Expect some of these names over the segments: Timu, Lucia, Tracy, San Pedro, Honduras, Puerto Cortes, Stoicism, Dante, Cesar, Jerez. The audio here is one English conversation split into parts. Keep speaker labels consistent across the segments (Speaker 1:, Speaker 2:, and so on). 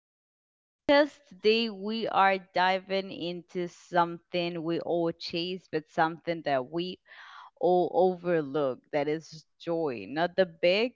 Speaker 1: Welcome to the podcast. Today we are diving into something we all chase, but something that we or overlook, that is joy, not the big,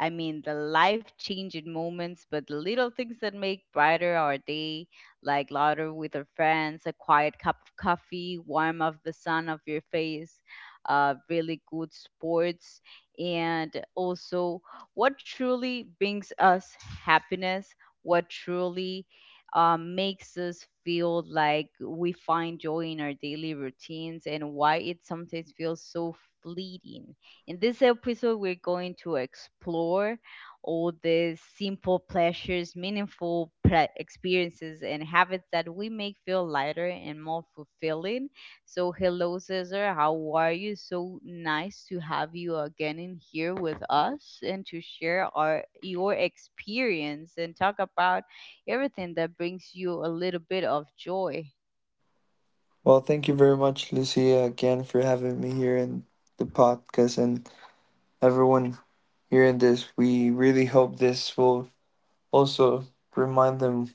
Speaker 1: I mean, the life changing moments, but the little things that make brighter our day, like laughter with our friends, a quiet cup of coffee, warm of the sun of your face, really good sports, and also what truly brings us happiness, what truly makes us feel like we find joy in our daily routines and why it sometimes feels so fleeting. In this episode, we're going to explore all the simple pleasures, meaningful experiences, and habits that we make feel lighter and more fulfilling. So, hello, Cesar. How are you? So nice to have you again in here with us and to share our your experience and talk about everything that brings you a little bit of joy.
Speaker 2: Well, thank you very much, Lucia, again for having me here in the podcast and everyone hearing this. We really hope this will also remind them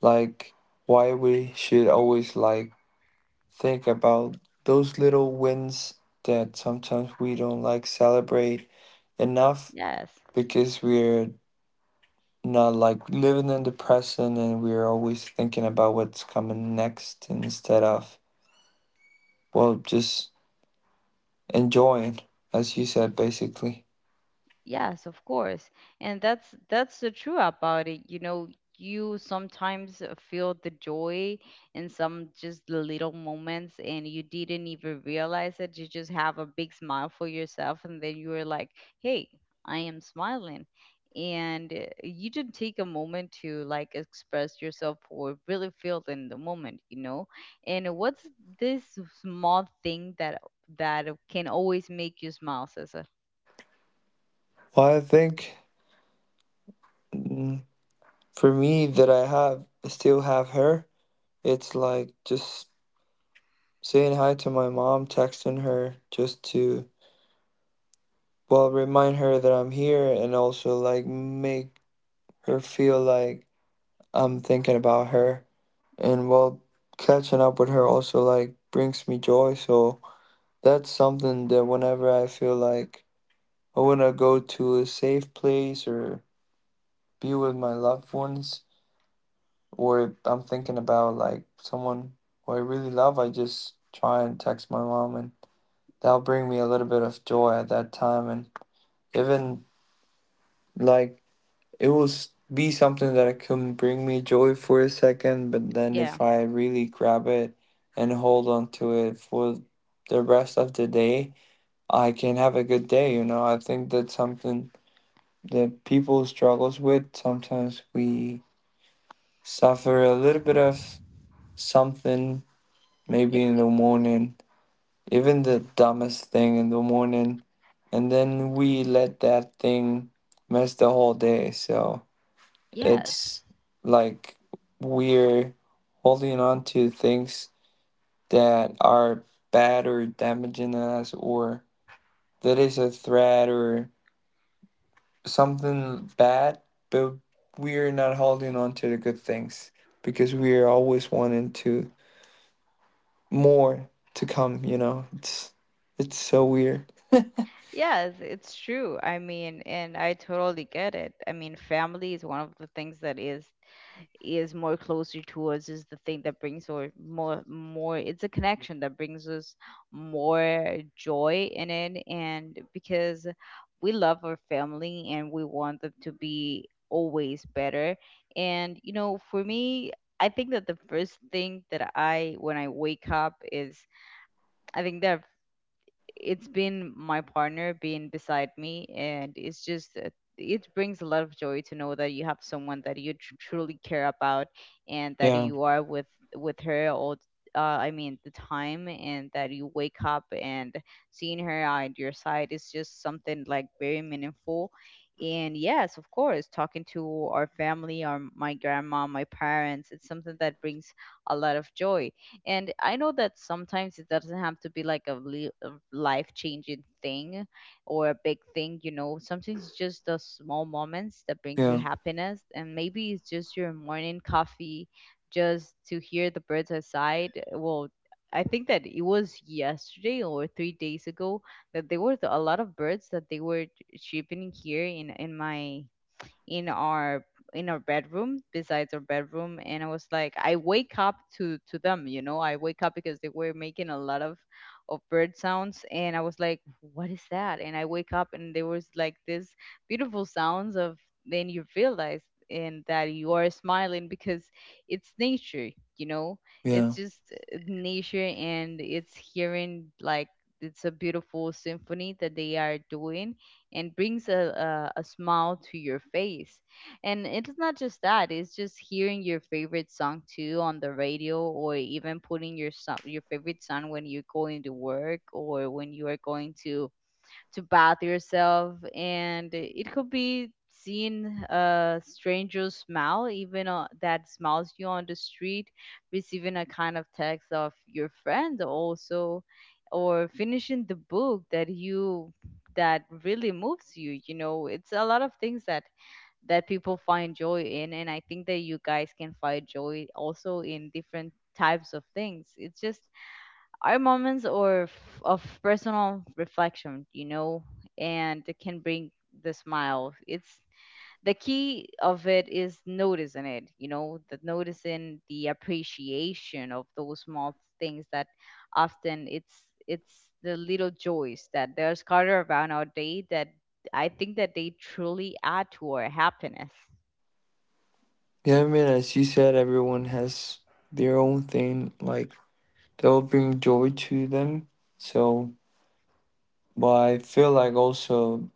Speaker 2: like why we should always like think about those little wins that sometimes we don't like celebrate enough
Speaker 1: Yes.
Speaker 2: because we're not like living in the present and we're always thinking about what's coming next instead of well just enjoying, as you said, basically.
Speaker 1: Yes, of course. And that's the truth about it. You know, you sometimes feel the joy in some just the little moments and you didn't even realize it. You just have a big smile for yourself and then you were like, "Hey, I am smiling." And you didn't take a moment to like express yourself or really feel in the moment, you know? And what's this small thing that can always make you smile, Cesar?
Speaker 2: Well, I think mm, for me that I have still have her, it's like just saying hi to my mom, texting her just to well remind her that I'm here and also like make her feel like I'm thinking about her. And well, catching up with her also like brings me joy. So that's something that whenever I feel like I want to go to a safe place or be with my loved ones, or if I'm thinking about like someone who I really love, I just try and text my mom, and that'll bring me a little bit of joy at that time. And even like it will be something that it can bring me joy for a second, but then
Speaker 1: Yeah.
Speaker 2: if I really grab it and hold on to it for the rest of the day, I can have a good day. You know, I think that's something that people struggles with. Sometimes we suffer a little bit of something maybe in the morning, even the dumbest thing in the morning, and then we let that thing mess the whole day. So
Speaker 1: Yes.
Speaker 2: it's like we're holding on to things that are bad or damaging us, or that is a threat or something bad, but we're not holding on to the good things because we are always wanting to more to come, you know. It's so weird.
Speaker 1: Yes, it's true. I mean, and I totally get it. I mean, family is one of the things that is more closer to us, is the thing that brings, or more, it's a connection that brings us more joy in it, and because we love our family and we want them to be always better. And you know, for me, I think that the first thing that I, when I wake up is, I think the it's been my partner being beside me, and it's just it brings a lot of joy to know that you have someone that you truly care about and that
Speaker 2: Yeah,
Speaker 1: you are with her all I mean the time, and that you wake up and seeing her at your side is just something like very meaningful. And yes, of course, talking to our family, our my grandma, my parents, it's something that brings a lot of joy. And I know that sometimes it doesn't have to be like a life changing thing or a big thing, you know. Sometimes it's just the small moments that brings you
Speaker 2: yeah,
Speaker 1: happiness. And maybe it's just your morning coffee, just to hear the birds outside. Well, I think that it was yesterday or 3 days ago that there were a lot of birds that they were chirping here in our in our bedroom, besides our bedroom. And I was like, I wake up to them, you know, I wake up because they were making a lot of bird sounds, and I was like, what is that? And I wake up and there was like this beautiful sounds of, then you realize and that you are smiling because it's nature, you know. It's
Speaker 2: yeah.
Speaker 1: just nature, and it's hearing like it's a beautiful symphony that they are doing, and brings a smile to your face. And it's not just that, it's just hearing your favorite song too on the radio, or even putting your song, your favorite song, when you're going to work or when you are going to bath yourself. And it could be seeing a stranger smile, even that smiles you on the street, receiving a kind of text of your friend also, or finishing the book that you that really moves you, you know. It's a lot of things that people find joy in, and I think that you guys can find joy also in different types of things. It's just are moments or of personal reflection, you know, and it can bring the smile. It's the key of it is noticing it, you know, the noticing, the appreciation of those small things, that often it's the little joys that they're scattered around our day that I think that they truly add to our happiness.
Speaker 2: Yeah, I mean as you said, everyone has their own thing, like they'll bring joy to them. So but I feel like also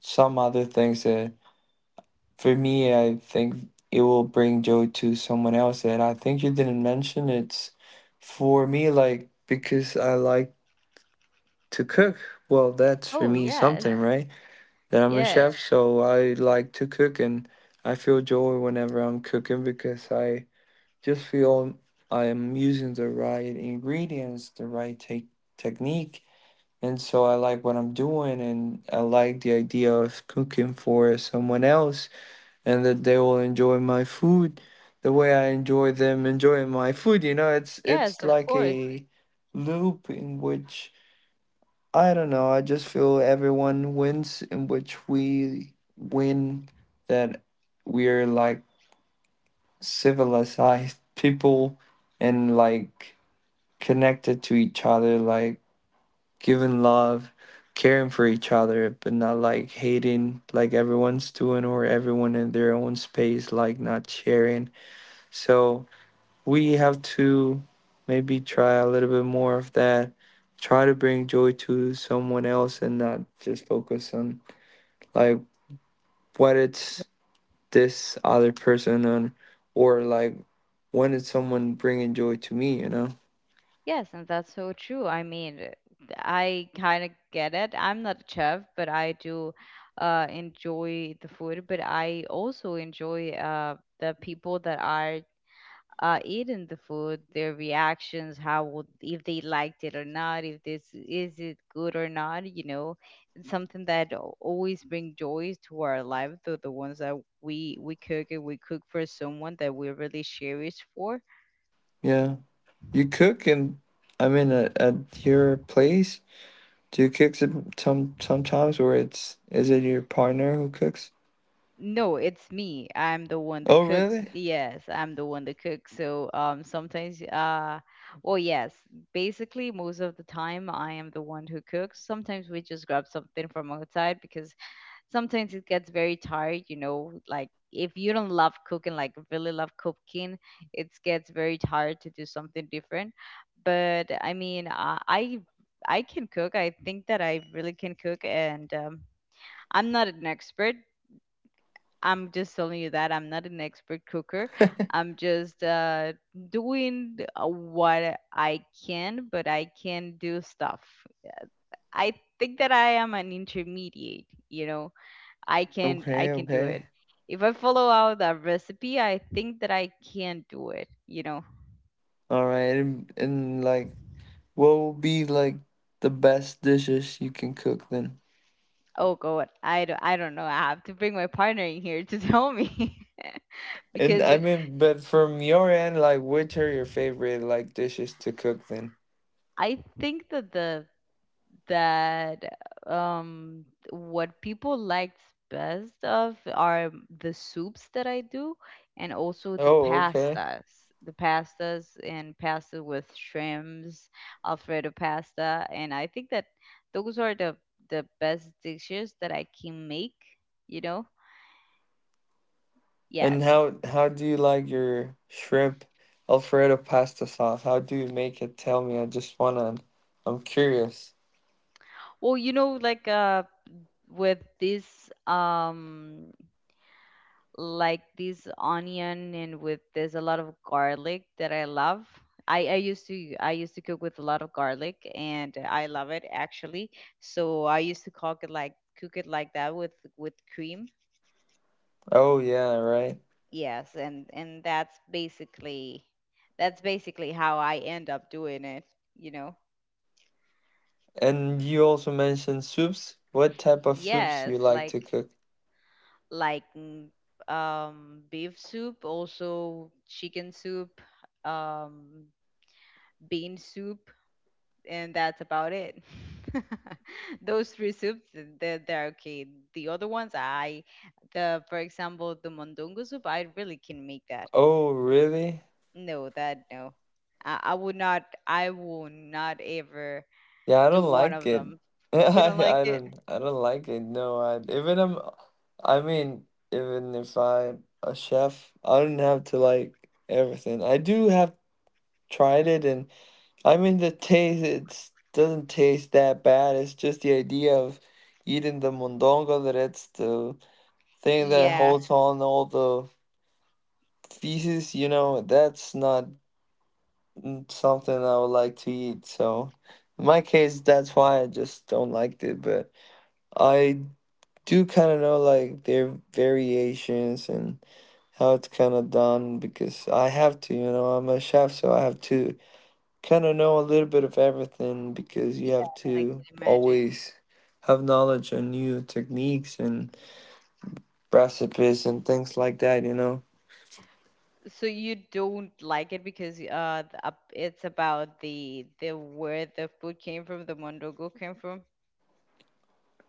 Speaker 2: some other things that for me I think it will bring joy to someone else that I think you didn't mention. It's for me like because I like to cook. Well, that's for
Speaker 1: Oh
Speaker 2: me
Speaker 1: yes,
Speaker 2: something, right? That I'm a
Speaker 1: yes,
Speaker 2: chef, so I like to cook and I feel joy whenever I'm cooking because I just feel I am using the right ingredients, the right technique. And so I like what I'm doing and I like the idea of cooking for someone else and that they will enjoy my food the way I enjoy them enjoying my food. You know, it's
Speaker 1: yes, of
Speaker 2: like
Speaker 1: course.
Speaker 2: a loop in which I don't know. I just feel everyone wins, in which we win that we're like civilized people and like connected to each other, like giving love, caring for each other, but not like hating like everyone's doing or everyone in their own space, like not sharing. So we have to maybe try a little bit more of that, try to bring joy to someone else and not just focus on like what it's this other person on, or like when is someone bringing joy to me, you know.
Speaker 1: Yes, and that's so true. I mean, I kind of get it. I'm not a chef, but I do enjoy the food. But I also enjoy the people that are eating the food, their reactions, how would, if they liked it or not, if this is it good or not. You know, it's something that always bring joys to our life. Though the ones that we cook, and we cook for someone that we really cherish for.
Speaker 2: Yeah, you cook. And I mean at your place, do you cook sometimes, or it's is it your partner who cooks?
Speaker 1: No, it's me. I'm the one that
Speaker 2: Oh,
Speaker 1: cooks.
Speaker 2: really?
Speaker 1: Yes, I'm the one that cooks. So sometimes well, yes, basically most of the time I am the one who cooks. Sometimes we just grab something from outside because sometimes it gets very tired, you know, like if you don't love cooking, like really love cooking, it gets very tired to do something different. But I mean, I can cook. I think that I really can cook, and I'm not an expert, I'm just telling you that I'm not an expert cooker. I'm just doing what I can, but I can do stuff. I think that I am an intermediate. You know, I can I
Speaker 2: Okay,
Speaker 1: can do it.
Speaker 2: okay.
Speaker 1: If I follow out a recipe, I think that I can do it. You know.
Speaker 2: All right, and like, what will be like the best dishes you can cook then?
Speaker 1: Oh God, I don't know. I have to bring my partner in here to tell me
Speaker 2: And
Speaker 1: because
Speaker 2: I mean, but from your end, like, which are your favorite like dishes to cook then?
Speaker 1: I think that the that um what people liked best of are the soups that I do, and also the
Speaker 2: Oh, okay.
Speaker 1: pastas. The pastas and pasta with shrimps, Alfredo pasta, and I think that those are the best dishes that I can make, you know?
Speaker 2: And
Speaker 1: Yes.
Speaker 2: how do you like your shrimp Alfredo pasta sauce? How do you make it? Tell me. I just wanna. I'm curious.
Speaker 1: Well, you know, like with this like this onion, and with there's a lot of garlic that I love. I used to, cook with a lot of garlic, and I love it actually. So I used to cook it like that with cream.
Speaker 2: Oh yeah, right.
Speaker 1: Yes, and that's basically how I end up doing it, you know.
Speaker 2: And you also mentioned soups. What type of soups you
Speaker 1: Yes,
Speaker 2: like to
Speaker 1: like
Speaker 2: cook?
Speaker 1: like mm, beef soup, also chicken soup, um bean soup, and that's about it. Those three soups, they're okay. The other ones, I, the for example, the mondongo soup, I really can make that.
Speaker 2: Oh, really?
Speaker 1: No, that, no, I would not. I will not ever
Speaker 2: Yeah, I
Speaker 1: do
Speaker 2: don't
Speaker 1: one
Speaker 2: like
Speaker 1: of
Speaker 2: it.
Speaker 1: them. You
Speaker 2: I,
Speaker 1: don't like
Speaker 2: I
Speaker 1: it?
Speaker 2: don't I don't like it. No, I mean, even if I'm a chef, I don't have to like everything. I do have tried it, and I mean the taste it doesn't taste that bad. It's just the idea of eating the mondongo that it's the thing that
Speaker 1: Yeah,
Speaker 2: holds on all the feces, you know, that's not something I would like to eat. So in my case, that's why I just don't like it, but I do kind of know like their variations and how it's kind of done because I have to, you know, I'm a chef, so I have to kind of know a little bit of everything because you
Speaker 1: yeah,
Speaker 2: have
Speaker 1: I can
Speaker 2: to
Speaker 1: imagine.
Speaker 2: always have knowledge on new techniques and recipes and things like that, you know.
Speaker 1: So you don't like it because it's about the where the food came from, the mondongo came from.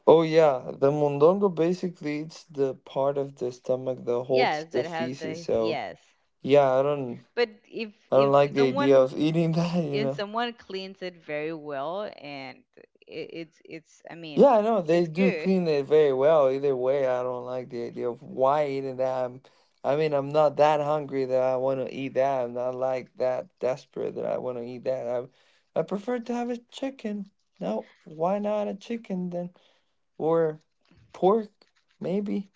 Speaker 2: Oh yeah, the mondongo basically it's the part of the stomach that holds
Speaker 1: Yes,
Speaker 2: the
Speaker 1: that have
Speaker 2: feces.
Speaker 1: the,
Speaker 2: So
Speaker 1: yes.
Speaker 2: yeah, I don't
Speaker 1: But
Speaker 2: I don't like the idea of eating that, you
Speaker 1: if
Speaker 2: know.
Speaker 1: someone cleans it very well, and it's I mean,
Speaker 2: Yeah, I know they
Speaker 1: it's
Speaker 2: do
Speaker 1: good.
Speaker 2: clean it very well. Either way, I don't like the idea of why eating that. I mean, I'm not that hungry that I want to eat that. I'm not like that desperate that I want to eat that. I prefer to have a chicken. No, why not a chicken then? Or pork, maybe.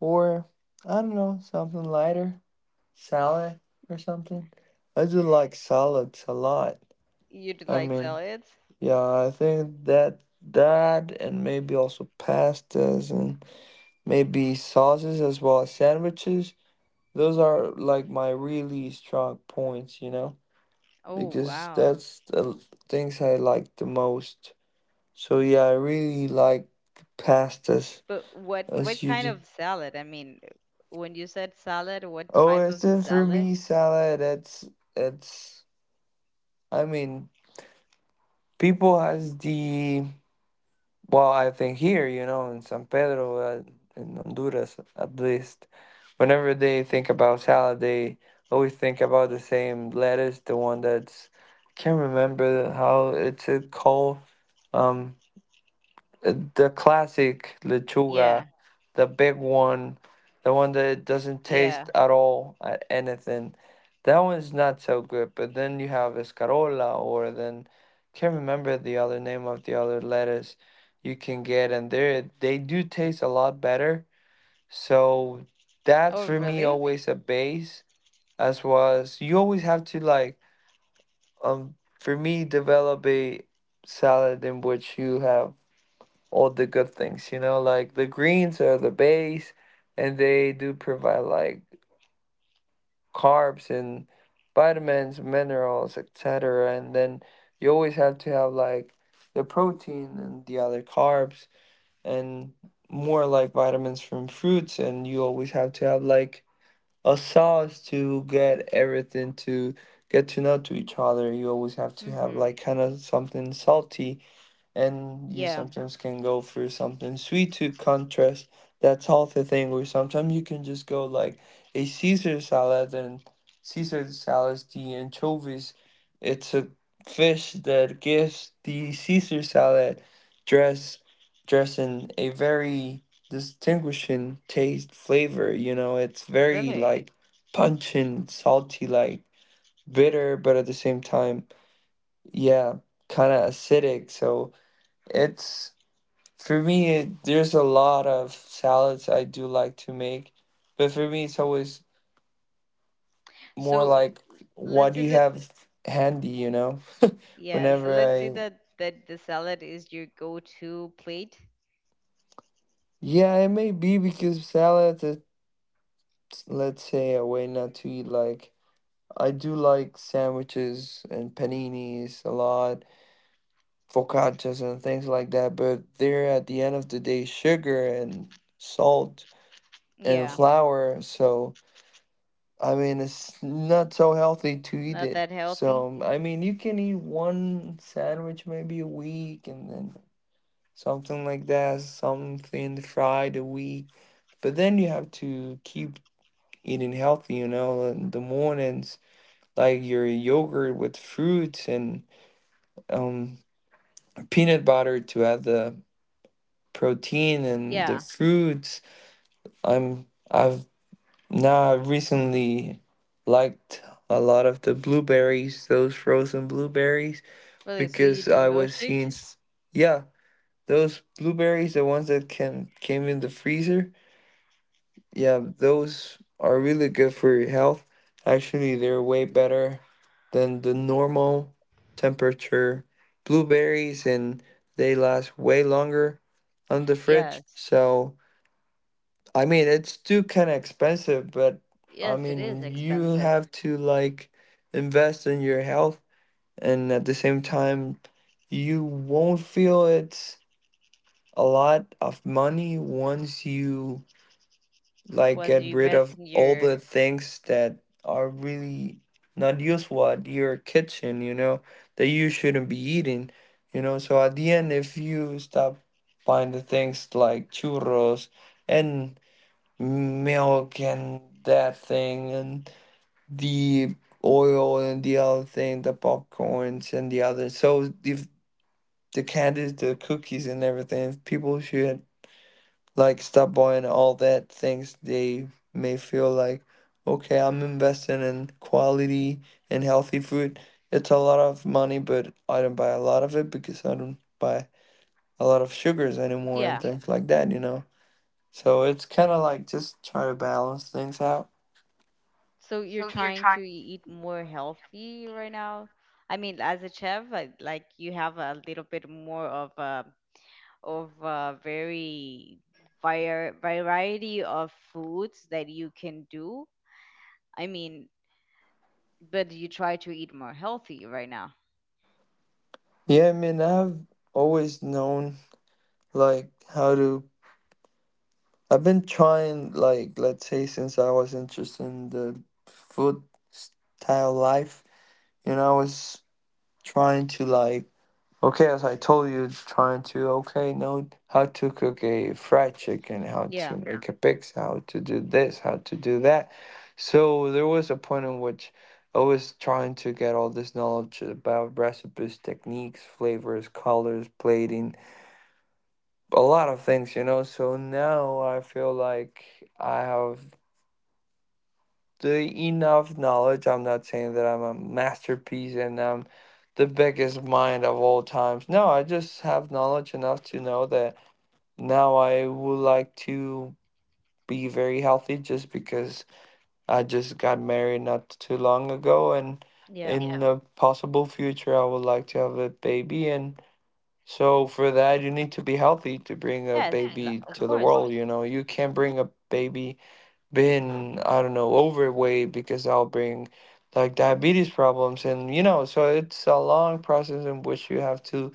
Speaker 2: Or I don't know, something lighter, salad or something. I just like salads a lot.
Speaker 1: You'd
Speaker 2: I
Speaker 1: like
Speaker 2: mean.
Speaker 1: salads?
Speaker 2: Yeah, I think that and maybe also pastas and maybe sauces as well as sandwiches. Those are like my really strong points, you know,
Speaker 1: Oh,
Speaker 2: because
Speaker 1: wow.
Speaker 2: that's things I like the most. So yeah, I really like pastas
Speaker 1: But what
Speaker 2: as
Speaker 1: what
Speaker 2: you
Speaker 1: kind
Speaker 2: do.
Speaker 1: of salad, I mean, when you said salad, what
Speaker 2: Oh,
Speaker 1: type
Speaker 2: it's
Speaker 1: of
Speaker 2: then for
Speaker 1: salad?
Speaker 2: me salad. It's. I mean, people has the well, I think here, you know, in San Pedro, in Honduras, at least, whenever they think about salad, they always think about the same lettuce, the one that's, I can't remember how it's called. Um, the classic
Speaker 1: Yeah.
Speaker 2: lechuga, the big one, the one that doesn't
Speaker 1: Yeah.
Speaker 2: taste at all at anything. That one's not so good. But then you have escarola, or then can't remember the other name of the other lettuce you can get, and they do taste a lot better. So that
Speaker 1: Oh,
Speaker 2: for me
Speaker 1: really.
Speaker 2: always a base, as was you always have to like um for me develop a salad in which you have all the good things, you know, like the greens are the base and they do provide like carbs and vitamins, minerals, etc. And then you always have to have like the protein and the other carbs and more like vitamins from fruits and you always have to have like a sauce to get everything to get to know to each other. You always have to have
Speaker 1: Mm-hmm.
Speaker 2: like kind of something salty, and you
Speaker 1: Yeah.
Speaker 2: sometimes can go for something sweet to contrast that salty thing, or sometimes you can just go like a Caesar salad. And Caesar salad, the anchovies, it's a fish that gives the Caesar salad dress dressing a very distinguishing taste flavor, you know. It's very
Speaker 1: Really,
Speaker 2: like pungent, salty, like bitter, but at the same time, yeah, kind of acidic. So it's for me, there's a lot of salads I do like to make, but for me, it's always more
Speaker 1: so
Speaker 2: like what
Speaker 1: let's
Speaker 2: do
Speaker 1: say
Speaker 2: you
Speaker 1: that,
Speaker 2: have handy, you know?
Speaker 1: yeah, so
Speaker 2: Whenever
Speaker 1: let's say
Speaker 2: I,
Speaker 1: that the salad is your go-to plate.
Speaker 2: yeah, it may be because salads, it's, let's say, a way not to eat. Like, I do like sandwiches and paninis a lot, focaccias and things like that, but they're at the end of the day sugar and salt and
Speaker 1: Yeah,
Speaker 2: flour, so. I mean, it's not so healthy to eat
Speaker 1: not
Speaker 2: it.
Speaker 1: that healthy.
Speaker 2: So, I mean, you can eat one sandwich maybe a week and then something like that, something fried a week. But then you have to keep eating healthy, you know, in the mornings, like your yogurt with fruits and um, peanut butter to add the protein and the
Speaker 1: Yeah.
Speaker 2: fruits. I'm I've Now, I recently liked a lot of the blueberries, those frozen blueberries,
Speaker 1: Really, so you
Speaker 2: because
Speaker 1: do
Speaker 2: I was
Speaker 1: milkshakes?
Speaker 2: seeing, yeah, those blueberries, the ones that can came in the freezer, yeah, those are really good for your health. Actually, they're way better than the normal temperature blueberries, and they last way longer on the fridge.
Speaker 1: Yes.
Speaker 2: So, I mean, it's too kind of expensive, but I
Speaker 1: Yes, it is
Speaker 2: mean, you
Speaker 1: expensive,
Speaker 2: have to like invest in your health, and at the same time, you won't feel it's a lot of money once you like
Speaker 1: when
Speaker 2: get
Speaker 1: you
Speaker 2: rid
Speaker 1: invest
Speaker 2: of
Speaker 1: in
Speaker 2: all
Speaker 1: your,
Speaker 2: the things that are really not useful at your kitchen, you know, that you shouldn't be eating, you know. So at the end, if you stop buying the things like churros and milk and that thing and the oil and the other thing, the popcorns and the other. So if the candies, the cookies and everything, if people should like stop buying all that things, they may feel like, okay, I'm investing in quality and healthy food. It's a lot of money, but I don't buy a lot of it because I don't buy a lot of sugars anymore and
Speaker 1: yeah.
Speaker 2: things like that, you know. So it's kind of like just try to balance things out.
Speaker 1: So you're trying to eat more healthy right now. I mean, as a chef, like you have a little bit more of a, very variety of foods that you can do. I mean, but you try to eat more healthy right now.
Speaker 2: Yeah, I mean, I've always known like how to. I've been trying, like, let's say since I was interested in the food style life. You know, I was trying to like, okay, as I told you, trying to okay know how to cook a fried chicken, how to
Speaker 1: Yeah.
Speaker 2: make a pizza, how to do this, how to do that. So there was a point in which I was trying to get all this knowledge about recipes, techniques, flavors, colors, plating, a lot of things, you know. So now I feel like I have the enough knowledge. I'm not saying that I'm a masterpiece and I'm the biggest mind of all times. No, I just have knowledge enough to know that now I would like to be very healthy just because I just got married not too long ago, and
Speaker 1: Yeah.
Speaker 2: in, yeah, the possible future I would like to have a baby. And so for that, you need to be healthy to bring a
Speaker 1: Yes,
Speaker 2: baby
Speaker 1: of
Speaker 2: to the
Speaker 1: course.
Speaker 2: world. You know, you can't bring a baby being, I don't know, overweight because that'll bring like diabetes problems. And, you know, so it's a long process in which you have to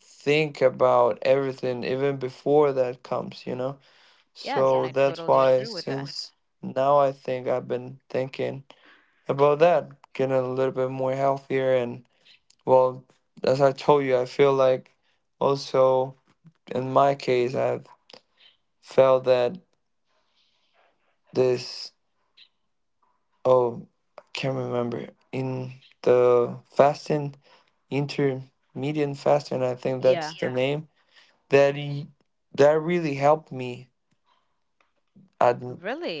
Speaker 2: think about everything even before that comes, you know?
Speaker 1: Yes, and
Speaker 2: So,
Speaker 1: I
Speaker 2: yeah, that's
Speaker 1: totally
Speaker 2: why
Speaker 1: agree with that.
Speaker 2: since now I think I've been thinking about that, getting a little bit more healthier. And, well, as I told you, I feel like also in my case, I've felt that this, oh, I can't remember. In the fasting, intermediate fasting, I think that's
Speaker 1: Yeah.
Speaker 2: the, yeah, name, that, that really helped me, at,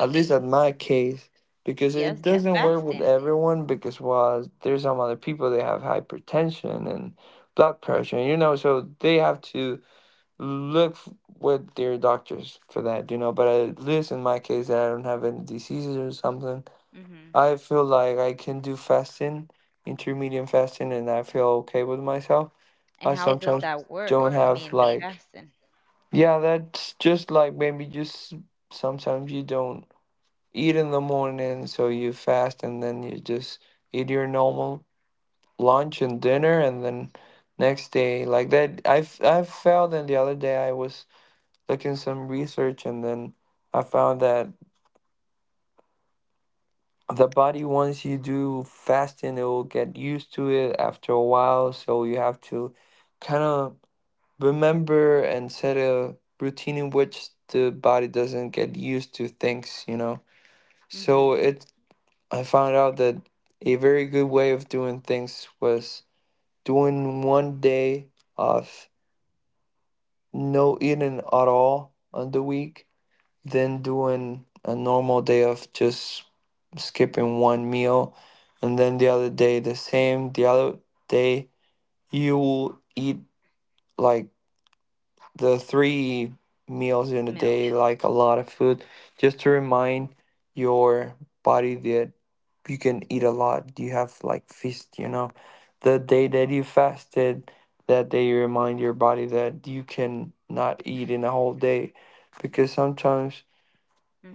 Speaker 2: at least at my case, because it,
Speaker 1: Yes,
Speaker 2: yeah,
Speaker 1: the
Speaker 2: doesn't work with
Speaker 1: fasting.
Speaker 2: everyone, because, well, there's some other people, they have hypertension and blood pressure, you know, so they have to look f- with your doctors for that, you know. But at least in my case, that I don't have any diseases or something,
Speaker 1: Hmm.
Speaker 2: I feel like I can do fasting, intermediate fasting, and I feel okay with myself. I
Speaker 1: And how does
Speaker 2: sometimes
Speaker 1: that work?
Speaker 2: don't
Speaker 1: I
Speaker 2: have
Speaker 1: mean, the
Speaker 2: like,
Speaker 1: fasting.
Speaker 2: yeah, that's just like maybe just sometimes you don't eat in the morning, so you fast and then you just eat your normal lunch and dinner, and then next day like that. I felt, and the other day I was looking some research, and then I found that the body, once you do fasting, it will get used to it after a while, so you have to kind of remember and set a routine in which the body doesn't get used to things, you know. So
Speaker 1: Hmm.
Speaker 2: it I found out that a very good way of doing things was doing one day of no eating at all on the week, then doing a normal day of just skipping one meal, and then the other day the same, the other day you will eat like the three meals in a
Speaker 1: Meals.
Speaker 2: day, like a lot of food, just to remind your body that you can eat a lot, you have like feast, you know. The day that you fasted, that day you remind your body that you can not eat in a whole day, because sometimes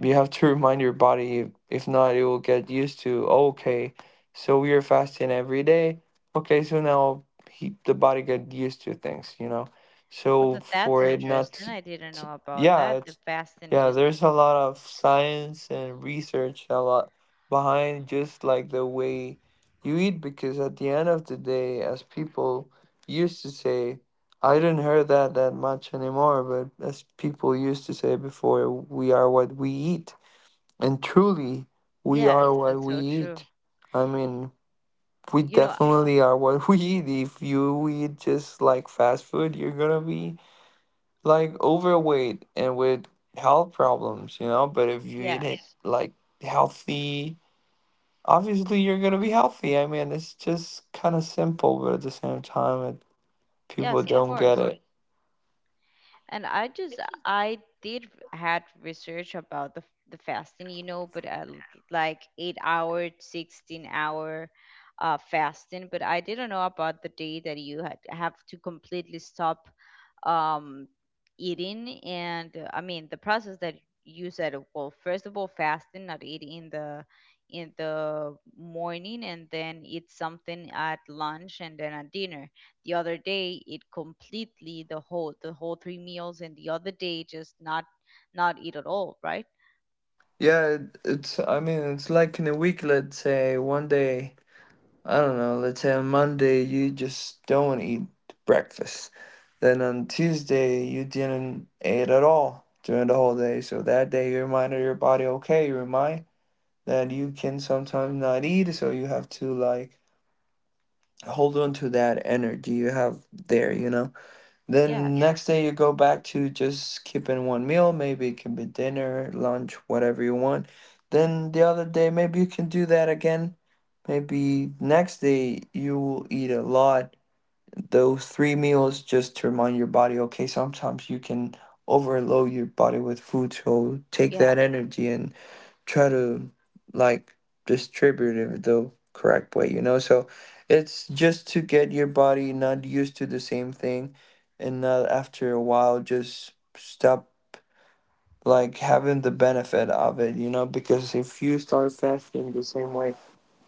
Speaker 2: you have to remind your body, if not, it will get used to, "Oh, okay, so we are fasting every day. Okay, so now he, the body get used to things, you know?
Speaker 1: Well,
Speaker 2: So
Speaker 1: that's
Speaker 2: for it not
Speaker 1: interesting.
Speaker 2: to,
Speaker 1: I didn't know about
Speaker 2: yeah,
Speaker 1: that. The
Speaker 2: it's,
Speaker 1: fasting,
Speaker 2: yeah,
Speaker 1: just,
Speaker 2: there's a lot of science and research, a lot behind just like the way you eat, because at the end of the day, as people used to say, I didn't hear that that much anymore, but as people used to say before, we are what we eat. And truly, we
Speaker 1: yes,
Speaker 2: are what
Speaker 1: that's
Speaker 2: we
Speaker 1: so true.
Speaker 2: eat. I mean, we
Speaker 1: You know,
Speaker 2: definitely are what we eat. If you eat just like fast food, you're gonna be like overweight and with health problems, you know? But if you eat it
Speaker 1: yes,
Speaker 2: like healthy, obviously you're gonna be healthy. I mean, it's just kind of simple, but at the same time, it, people
Speaker 1: yes, of
Speaker 2: don't get
Speaker 1: course.
Speaker 2: it.
Speaker 1: And I did had research about the fasting, you know, but like 8 hour, 16 hour fasting. But I didn't know about the day that you have to completely stop um eating and I mean, the process that you said, well, first of all, fasting, not eating in the morning, and then eat something at lunch and then at dinner, the other day eat completely the whole three meals, and the other day just not eat at all, right.
Speaker 2: Yeah, it's, I mean, it's like in a week, let's say, one day. I don't know, let's say on Monday you just don't eat breakfast. Then on Tuesday you didn't eat at all during the whole day. So that day you reminded your body, okay, you remind that you can sometimes not eat,
Speaker 1: Mm-hmm.
Speaker 2: so you have to like hold on to that energy you have there, you know? Then
Speaker 1: Yes.
Speaker 2: next day you go back to just keeping one meal. Maybe it can be dinner, lunch, whatever you want. Then the other day, maybe you can do that again. Maybe next day you will eat a lot. Those three meals just to remind your body, okay, sometimes you can overload your body with food. So take
Speaker 1: Yeah.
Speaker 2: that energy and try to like distribute it the correct way, you know? So it's just to get your body not used to the same thing, and not after a while just stop like having the benefit of it, you know? Because if you start fasting the same way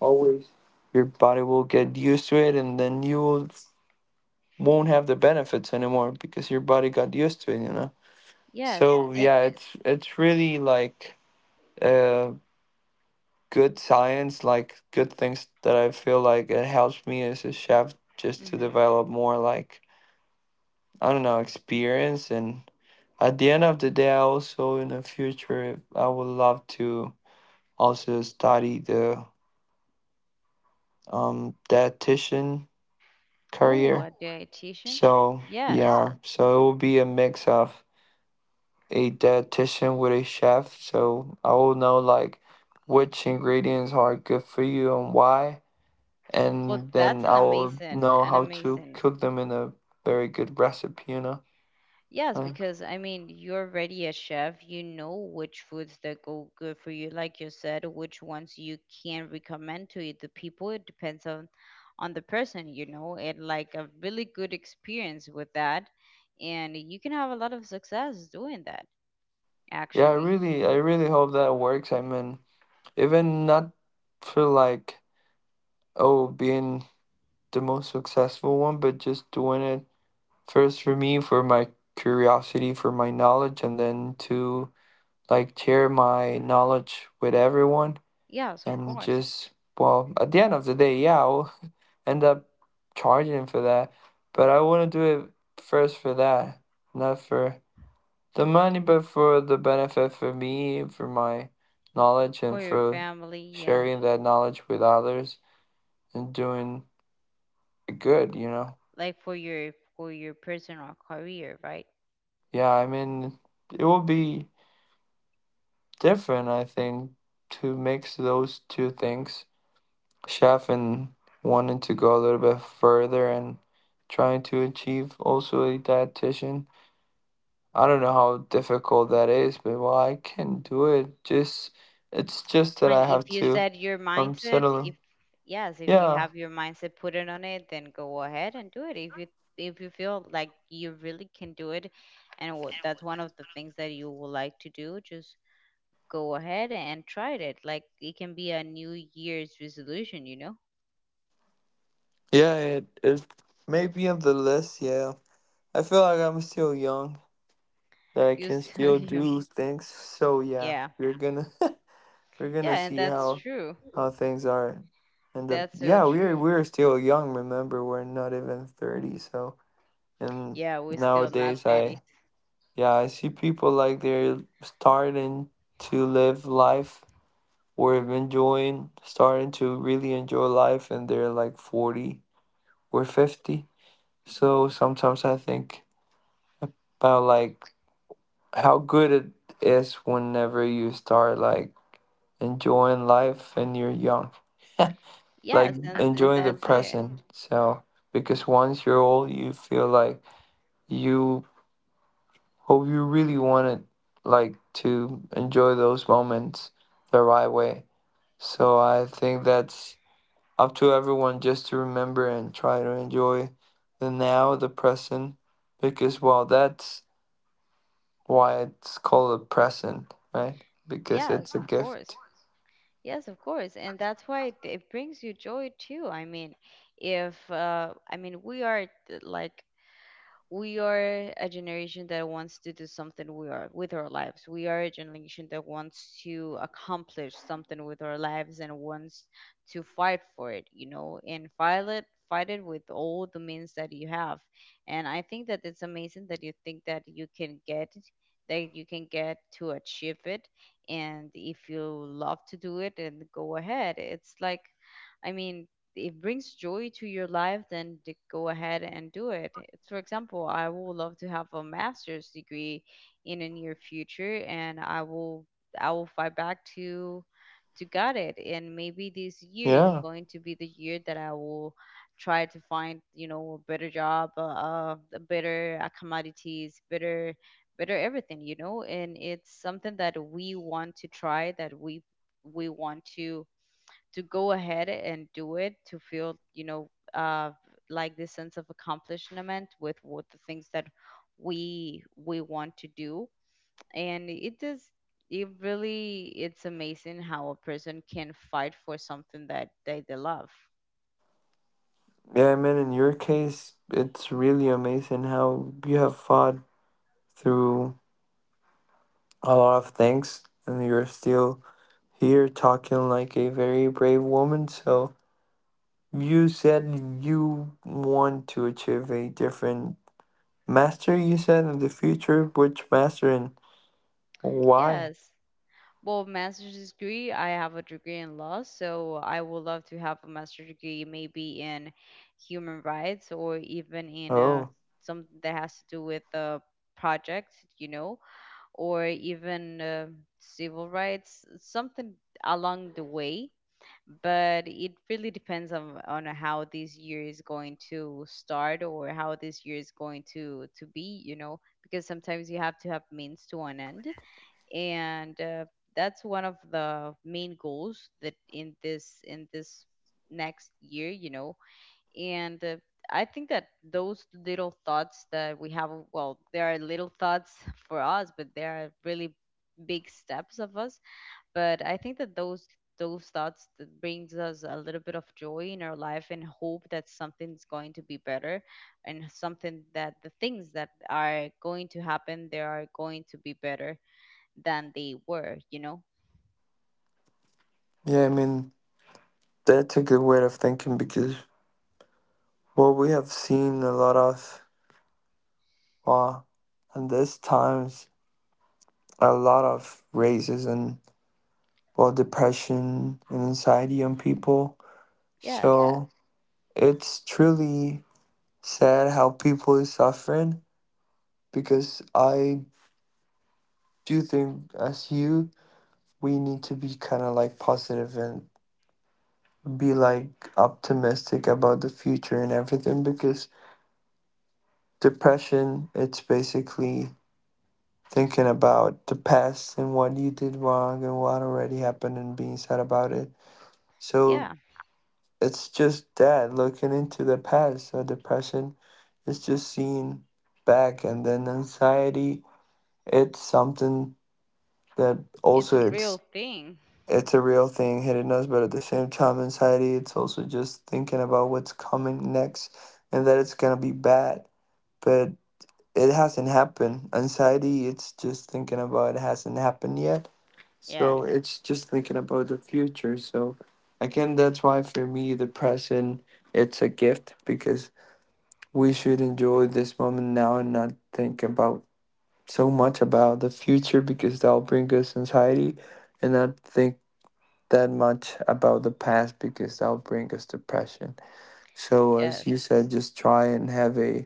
Speaker 2: always, your body will get used to it, and then you will won't have the benefits anymore because your body got used to it, you know?
Speaker 1: Yes,
Speaker 2: So
Speaker 1: and
Speaker 2: yeah, it's really like uh. good science, like good things that I feel like it helps me as a chef just to
Speaker 1: mm-hmm.
Speaker 2: develop more like, I don't know, experience. And at the end of the day, I also in the future I would love to also study the dietitian
Speaker 1: Oh,
Speaker 2: career.
Speaker 1: a dietitian.
Speaker 2: So
Speaker 1: Yes,
Speaker 2: yeah, so it will be a mix of a dietitian with a chef. So I will know like which ingredients are good for you and why,
Speaker 1: well,
Speaker 2: and then
Speaker 1: that's an
Speaker 2: I will
Speaker 1: amazing,
Speaker 2: know how to cook them in a very good recipe, you know.
Speaker 1: yes,
Speaker 2: Like,
Speaker 1: because I mean, you're already a chef. You know which foods that go good for you, like you said, which ones you can recommend to the people. It depends on the person, you know, and like a really good experience with that, and you can have a lot of success doing that,
Speaker 2: yeah,
Speaker 1: actually.
Speaker 2: I really hope that works. I mean, even not for like, oh, being the most successful one, but just doing it first for me, for my curiosity, for my knowledge, and then to like share my knowledge with everyone
Speaker 1: Yes, of
Speaker 2: and
Speaker 1: course,
Speaker 2: just. Well, at the end of the day, yeah, I'll. End up charging for that. But I want to do it first for that, not for the money, but for the benefit for me, for my knowledge,
Speaker 1: for
Speaker 2: and
Speaker 1: your
Speaker 2: for
Speaker 1: family, yeah,
Speaker 2: sharing that knowledge with others and doing good, you know?
Speaker 1: like for your personal career, right?
Speaker 2: Yeah, I mean, it will be different, I think, to mix those two things. Chef and wanting to go a little bit further and trying to achieve also a dietitian. I don't know how difficult that is, but, well, I can do it. Just it's just that I
Speaker 1: And
Speaker 2: have
Speaker 1: if you
Speaker 2: to
Speaker 1: set your mindset,
Speaker 2: settle.
Speaker 1: if you
Speaker 2: Yeah,
Speaker 1: have your mindset put it on it, then go ahead and do it. If you feel like you really can do it, and that's one of the things that you would like to do, just go ahead and try it. Like it can be a New Year's resolution, you know.
Speaker 2: yeah. It may be on the list. Yeah, I feel like I'm still young, that I
Speaker 1: You
Speaker 2: can
Speaker 1: so
Speaker 2: still
Speaker 1: you
Speaker 2: do things. So yeah,
Speaker 1: yeah
Speaker 2: we're gonna we're gonna
Speaker 1: yeah, and
Speaker 2: see
Speaker 1: that's true.
Speaker 2: how things are. And the,
Speaker 1: That's so
Speaker 2: yeah, we're
Speaker 1: true.
Speaker 2: we're still young. Remember, we're not even 30. So. And
Speaker 1: Yeah, we're still not
Speaker 2: nowadays, I,
Speaker 1: 30.
Speaker 2: yeah, I see people like they're starting to live life or enjoying, starting to really enjoy life, and they're like 40 or 50. So sometimes I think about like how good it is whenever you start like enjoying life and you're young, like
Speaker 1: Yes, and
Speaker 2: enjoying the
Speaker 1: that's it.
Speaker 2: present. So because once you're old, you feel like you hope you really wanted like to enjoy those moments the right way. So I think that's up to everyone just to remember and try to enjoy the now, the present, because, well, that's why it's called a present, right? Because it's
Speaker 1: Yes,
Speaker 2: a
Speaker 1: of
Speaker 2: gift.
Speaker 1: course. Yes, of course, and that's why it brings you joy too. I mean, if I mean we are a generation that wants to do something we are with our lives. We are a generation that wants to accomplish something with our lives and wants to fight for it, you know, and fight it with all the means that you have. And I think that it's amazing that you think that you can get it, that you can get to achieve it, and if you love to do it, and go ahead. It's like I mean it brings joy to your life, then go ahead and do it. For example, I would love to have a master's degree in the near future, and I will fight back to get it. And maybe this year is
Speaker 2: Yeah.
Speaker 1: going to be the year that I will try to find, you know, a better job, a better accommodations, better everything, you know, and it's something that we want to try, that we want to go ahead and do it, to feel, you know, like this sense of accomplishment with what the things that we want to do, and it does, it really it's amazing how a person can fight for something that they love.
Speaker 2: Yeah, I mean, in your case, it's really amazing how you have fought through a lot of things, and you're still. You're talking like a very brave woman. So you said you want to achieve a different master, you said, in the future. Which master and why?
Speaker 1: Yes, well, master's degree, I have a degree in law, so I would love to have a master's degree maybe in human rights or even in
Speaker 2: Oh,
Speaker 1: something that has to do with a project, you know, or even civil rights, something along the way. But it really depends on how this year is going to start or how this year is going to be, you know, because sometimes you have to have means to an end. And that's one of the main goals that in this next year, you know, and I think that those little thoughts that we have, well, there are little thoughts for us, but there are really big steps of us. But I think that those thoughts that brings us a little bit of joy in our life and hope that something's going to be better, and something that the things that are going to happen, they are going to be better than they were, you know.
Speaker 2: yeah, I mean, that's a good way of thinking because what we have seen a lot of, well, in this times, a lot of raises and, well, depression and anxiety on people.
Speaker 1: Yes.
Speaker 2: So it's truly sad how people is suffering because I do think as you, we need to be kind of like positive and be like optimistic about the future and everything, because depression, it's basically thinking about the past and what you did wrong and what already happened and being sad about it, so
Speaker 1: Yeah.
Speaker 2: it's just that looking into the past, so depression is just seeing back. And then anxiety, it's something that
Speaker 1: It's a
Speaker 2: also
Speaker 1: real
Speaker 2: it's.
Speaker 1: thing.
Speaker 2: It's a real thing hitting us, but at the same time, anxiety, it's also just thinking about what's coming next and that it's gonna be bad. But it hasn't happened. Anxiety, it's just thinking about it hasn't happened yet. So
Speaker 1: Yes.
Speaker 2: it's just thinking about the future. So again, that's why for me, the present, it's a gift because we should enjoy this moment now and not think about so much about the future because that'll bring us anxiety, and not think that much about the past because that'll bring us depression. So, as
Speaker 1: Yes.
Speaker 2: you said, just try and have a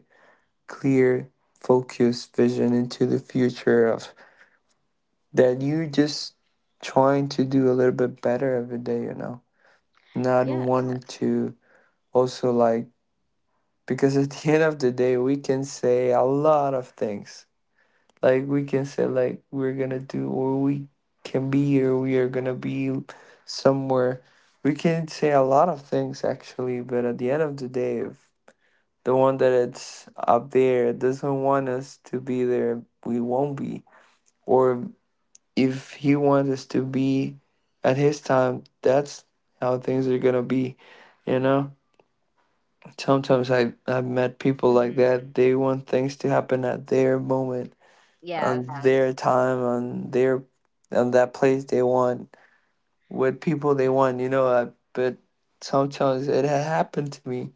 Speaker 2: clear, focused vision into the future of that you just trying to do a little bit better every day, you know, not
Speaker 1: Yes.
Speaker 2: wanting to also like, because at the end of the day, we can say a lot of things, like we can say like we're gonna do, or we can be, or we are gonna be somewhere. We can say a lot of things actually, but at the end of the day, if the one that it's up there doesn't want us to be there, we won't be, or if he wants us to be at his time, that's how things are gonna be, you know. Sometimes I've met people like that. They want things to happen at their moment,
Speaker 1: Yes.
Speaker 2: on their time, on their on that place they want, with people they want, you know. But sometimes it had happened to me.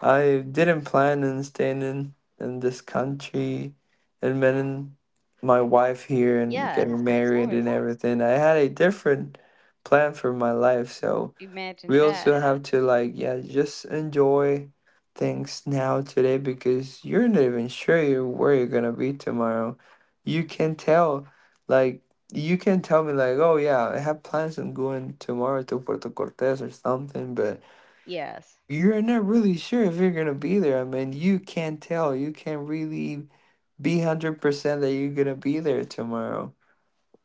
Speaker 2: I didn't plan on staying in this country and meeting my wife here and getting
Speaker 1: Yes, of
Speaker 2: married and
Speaker 1: course.
Speaker 2: everything. I had a different plan for my life. So
Speaker 1: Imagine
Speaker 2: we
Speaker 1: that.
Speaker 2: also have to like, yeah, just enjoy things now, today, because you're not even sure you where you're gonna be tomorrow. You can tell, like, you can tell me like, oh yeah, I have plans on going tomorrow to Puerto Cortes or something, but
Speaker 1: Yes.
Speaker 2: you're not really sure if you're gonna be there. I mean, you can't tell, you can't really be 100% that you're gonna be there tomorrow,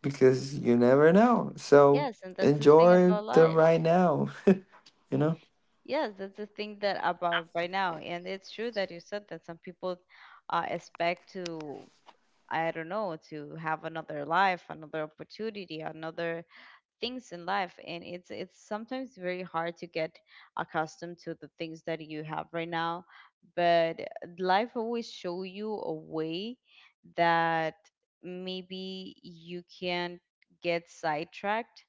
Speaker 2: because you never know. So
Speaker 1: Yes, and that's the thing
Speaker 2: enjoy
Speaker 1: about
Speaker 2: the right
Speaker 1: life.
Speaker 2: now, you know.
Speaker 1: Yes, that's the thing that about right now. And it's true that you said that some people expect to, I don't know, to have another life, another opportunity, another things in life, and it's sometimes very hard to get accustomed to the things that you have right now, but life always show you a way that maybe you can get sidetracked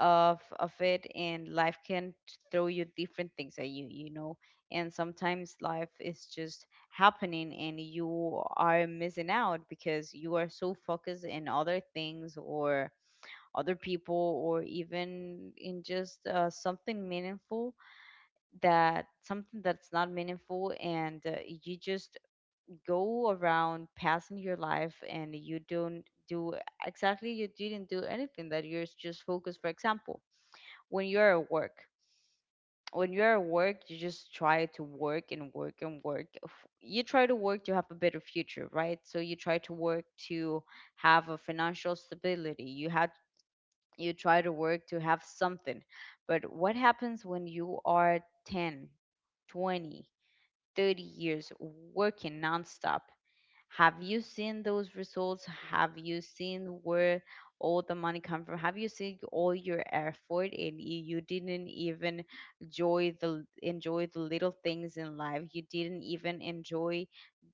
Speaker 1: of it, and life can throw you different things at you, you know. And sometimes life is just happening and you are missing out because you are so focused in other things or other people or even in just something meaningful, that something that's not meaningful, and you just go around passing your life and you don't do exactly, you didn't do anything, that you're just focused, for example, when you're at work. When you're at work you just try to work and work and work, you try to work to have a better future, right? So you try to work to have a financial stability, you had, you try to work to have something. But what happens when you are 10, 20, 30 years working nonstop? Have you seen those results? Have you seen where all the money come from? Have you seen all your effort and you didn't even enjoy the enjoy the little things in life? You didn't even enjoy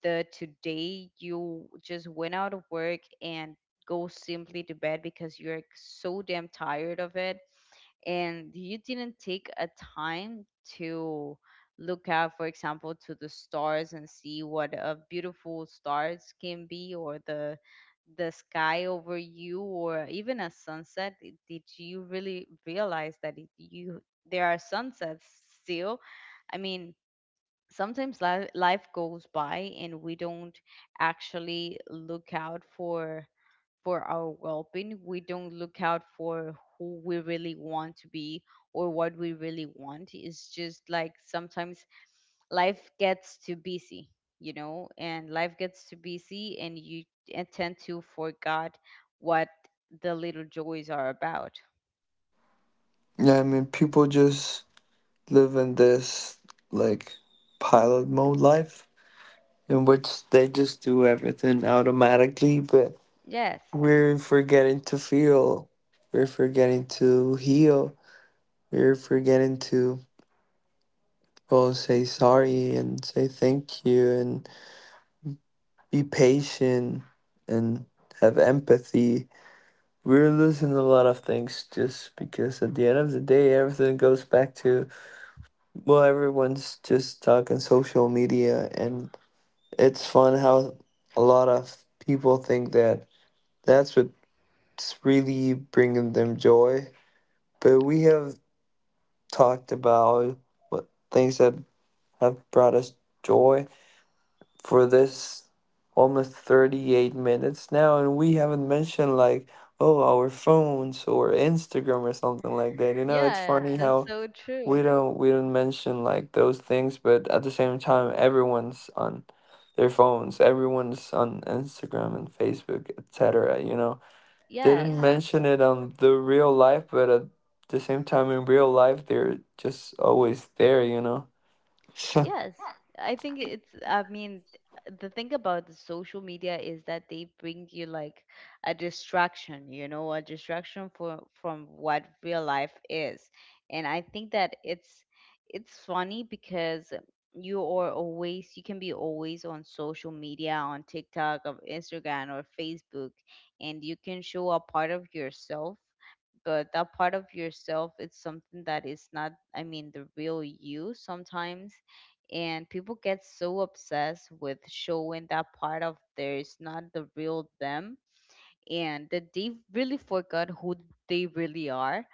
Speaker 1: the today. You just went out of work and go simply to bed because you're so damn tired of it, and you didn't take a time to look out, for example, to the stars and see what a beautiful stars can be, or the sky over you, or even a sunset. Did you really realize that it, you, there are sunsets still? I mean, sometimes life goes by and we don't actually look out for our well-being. We don't look out for who we really want to be or what we really want. It's just like sometimes life gets too busy, you know, and life gets too busy and you and tend to forget what the little joys are about.
Speaker 2: Yeah, I mean, people just live in this like pilot mode life, in which they just do everything automatically, but
Speaker 1: Yes.
Speaker 2: we're forgetting to feel, we're forgetting to heal, we're forgetting to, well, say sorry and say thank you and be patient and have empathy. We're losing a lot of things just because at the end of the day, everything goes back to, well, everyone's just stuck in social media, and it's fun how a lot of people think that that's what's really bringing them joy. But we have talked about what things that have brought us joy for this almost 38 minutes now, and we haven't mentioned like, oh, our phones or Instagram or something like that. You know, it's
Speaker 1: Yes,
Speaker 2: funny
Speaker 1: that's
Speaker 2: how
Speaker 1: so true.
Speaker 2: we don't mention like those things, but at the same time, everyone's on their phones, everyone's on Instagram and Facebook, etc. You know, they didn't, yeah,
Speaker 1: Yes.
Speaker 2: mention it on the real life, but at the same time, in real life, they're just always there. You know.
Speaker 1: Yes, I think it's, I mean, the thing about the social media is that they bring you like a distraction, you know, a distraction for from what real life is. And I think that it's funny because you are always, you can be always on social media, on TikTok, of Instagram or Facebook, and you can show a part of yourself, but that part of yourself, it's something that is not, I mean, the real you sometimes, and people get so obsessed with showing that part of theirs, not the real them, and that they really forgot who they really are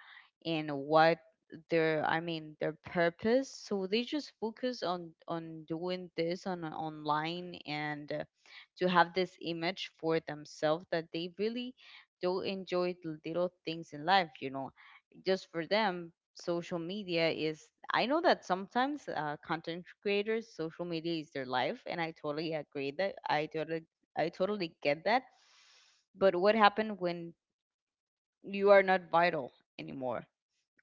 Speaker 1: and what their, I mean their purpose, so they just focus on doing this on online, and to have this image for themselves that they really do enjoy the little things in life, you know. Just for them, social media is, I know that sometimes content creators, social media is their life, and I totally agree that I totally I totally get that. But what happened when you are not vital anymore?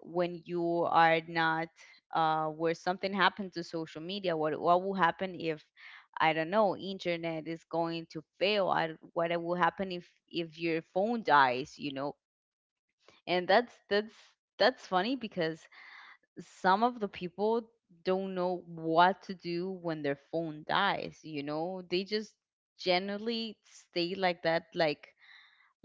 Speaker 1: When you are not, where something happened to social media? What will happen if, I don't know, internet is going to fail? What will happen if your phone dies? You know, and that's funny because some of the people don't know what to do when their phone dies. You know, they just generally stay like that, like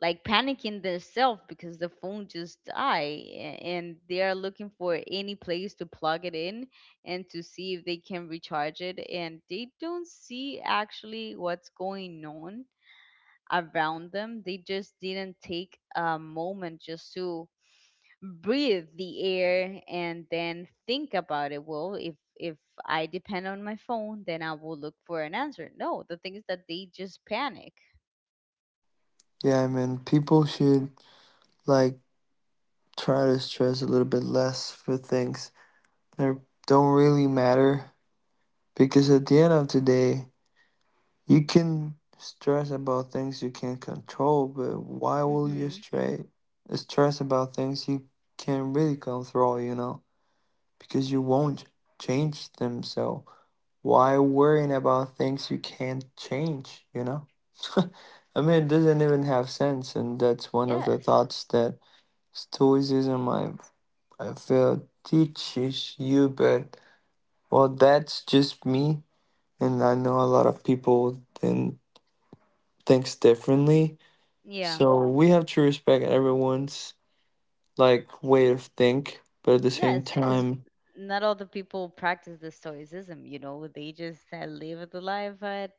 Speaker 1: panicking themselves because the phone just died, and they are looking for any place to plug it in, and to see if they can recharge it, and they don't see actually what's going on around them. They just didn't take a moment just to breathe the air and then think about it, well, if I depend on my phone, then I will look for an answer. No, the thing is that they just panic.
Speaker 2: Yeah, I mean, people should like try to stress a little bit less for things that don't really matter, because at the end of the day, you can stress about things you can control, but why will you
Speaker 1: Mm-hmm.
Speaker 2: stress about things you can really control, you know? Because you won't change them, so why worrying about things you can't change, you know? I mean, it doesn't even have sense, and that's one of the
Speaker 1: Yes.
Speaker 2: thoughts that Stoicism I feel teaches you, but well, that's just me, and I know a lot of people, and thinks differently.
Speaker 1: Yeah.
Speaker 2: So we have to respect everyone's like way of think, but at the same
Speaker 1: Yes, because
Speaker 2: time,
Speaker 1: not all the people practice the stoicism, you know, they just live the life at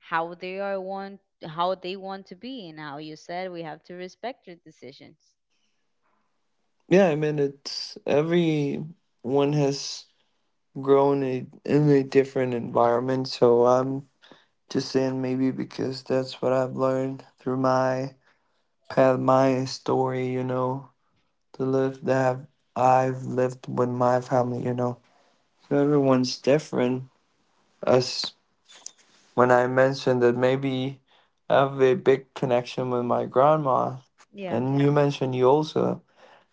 Speaker 1: how they are want, how they want to be, and how you said, we have to respect your decisions.
Speaker 2: yeah, I mean, it's everyone has grown a, in a different environment. So I'm just saying maybe because that's what I've learned through my path, my story, you know, the life that I've lived with my family, you know. So everyone's different. Us when I mentioned that maybe I have a big connection with my grandma,
Speaker 1: Yeah.
Speaker 2: and you mentioned you also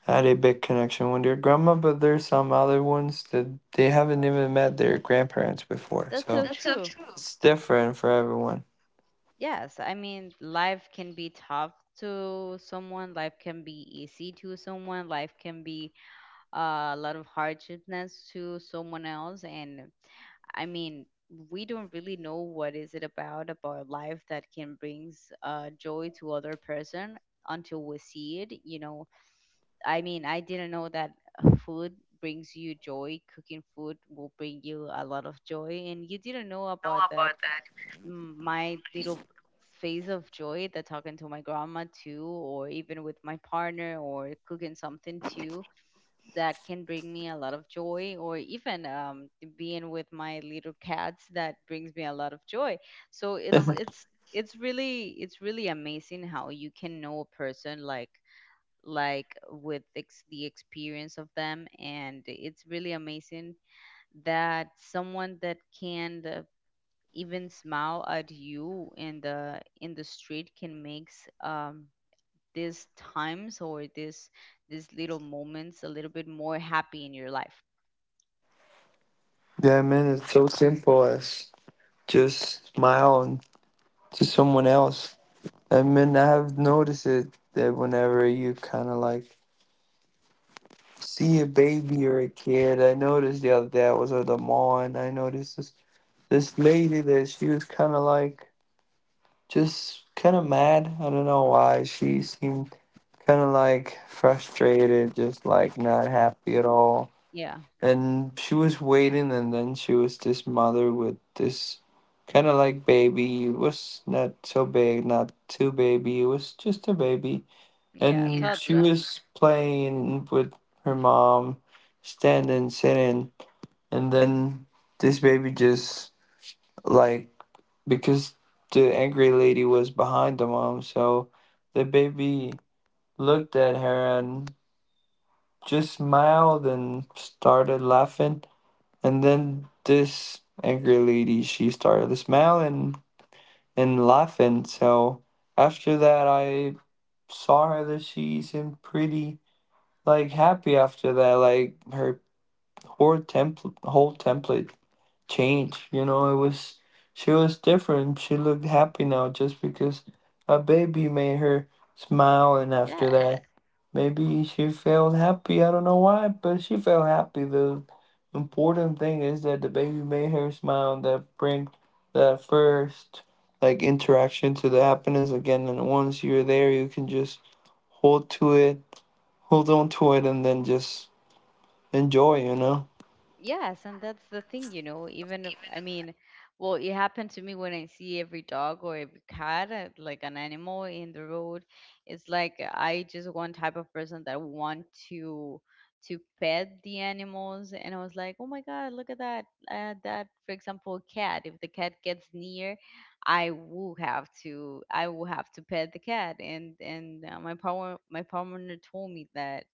Speaker 2: had a big connection with your grandma, but there's some other ones that they haven't even met their grandparents before.
Speaker 1: That's
Speaker 2: So
Speaker 1: so
Speaker 2: that's so
Speaker 1: true.
Speaker 2: true. It's different for everyone.
Speaker 1: Yes, I mean, life can be tough to someone, life can be easy to someone, life can be a lot of hardships to someone else, and I mean, we don't really know what is it about life that can brings joy to other person until we see it. You know, I mean, I didn't know that food brings you joy. Cooking food will bring you a lot of joy, and you didn't know about that. My little phase of joy that talking to my grandma too, or even with my partner, or cooking something too, that can bring me a lot of joy, or even being with my little cats that brings me a lot of joy. So
Speaker 2: Yeah,
Speaker 1: it's really, it's really amazing how you can know a person like with the experience of them, and it's really amazing that someone that can even smile at you in the street can makes these times or these little moments a little bit more happy in your life.
Speaker 2: I mean, it's so simple as just smile to someone else. I mean, I have noticed it that whenever you kind of like see a baby or a kid. I noticed the other day I was at the mall, and I noticed this lady that she was kind of like just kind of mad. I don't know why. She seemed kind of like frustrated, just like not happy at all.
Speaker 1: Yeah.
Speaker 2: And she was waiting, and then she was this mother with this kind of like baby. It was not so big, not too baby. It was just a baby,
Speaker 1: Yeah,
Speaker 2: and, yeah, she
Speaker 1: toddler.
Speaker 2: was playing with her mom, standing, sitting, and then this baby just, like, because the angry lady was behind the mom, so the baby looked at her and just smiled and started laughing. And then this angry lady, she started smiling and laughing. So after that, I saw her that she seemed pretty like happy after that. Like her whole template changed. You know, it was she was different. She looked happy now just because a baby made her smile, and after
Speaker 1: Yes.
Speaker 2: that, maybe she felt happy. I don't know why, but she felt happy. The important thing is that the baby made her smile, and that bring the first like interaction to the happiness again. And once you're there, you can just hold to it, hold on to it, and then just enjoy, you know?
Speaker 1: Yes, and that's the thing, you know, even if- I mean, well, it happened to me when I see every dog or every cat, like an animal in the road. It's like I just one type of person that want to pet the animals, and I was like, oh my God, look at that, that, for example, cat. If the cat gets near, I will have to pet the cat, and my partner told me that,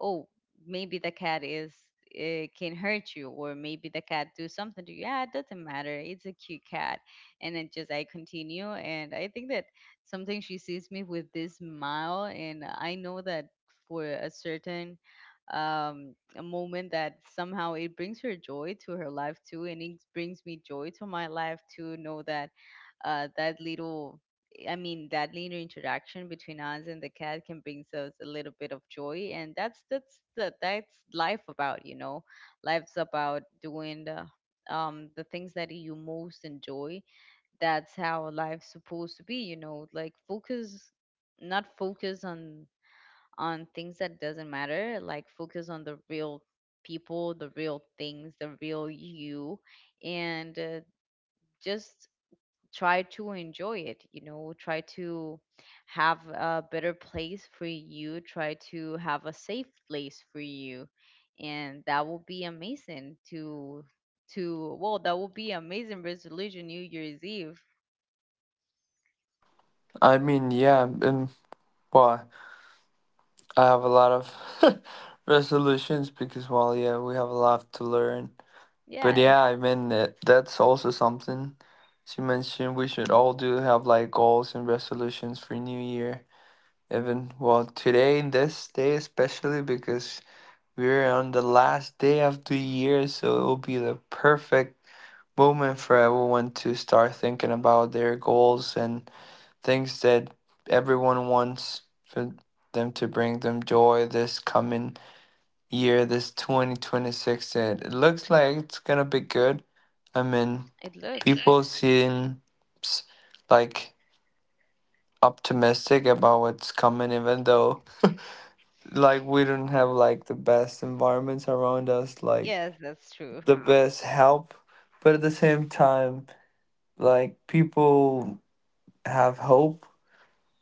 Speaker 1: oh, maybe the cat is can hurt you, or maybe the cat do something to you. Yeah, it doesn't matter, it's a cute cat. And it just I continue. And I think that sometimes she sees me with this smile, and I know that for a certain a moment that somehow it brings her joy to her life too. And it brings me joy to my life to know that that little I mean, that linear interaction between us and the cat can bring us a little bit of joy. And that's life about, life's about doing the things that you most enjoy. That's how life's supposed to be, you know, like focus, not focus on things that doesn't matter. Like, focus on the real people, the real things, the real you, and just try to enjoy it, you know. Try to have a better place for you, try to have a safe place for you, and that will be amazing to that will be amazing resolution, new year's eve.
Speaker 2: I mean, yeah, and why? I have a lot of resolutions because, well, yeah, we have a lot to learn. But
Speaker 1: Yes.
Speaker 2: yeah, I mean, that, that's also something she mentioned we should all do, have like goals and resolutions for New Year. Even, well, today, this day especially, because we're on the last day of the year, so it will be the perfect moment for everyone to start thinking about their goals and things that everyone wants for them to bring them joy this coming year, this 2026. And it looks like it's gonna be good. I mean,
Speaker 1: It looks.
Speaker 2: people seem like optimistic about what's coming, even though like we don't have like the best environments around us, like
Speaker 1: Yes, that's true.
Speaker 2: the best help, but at the same time, like people have hope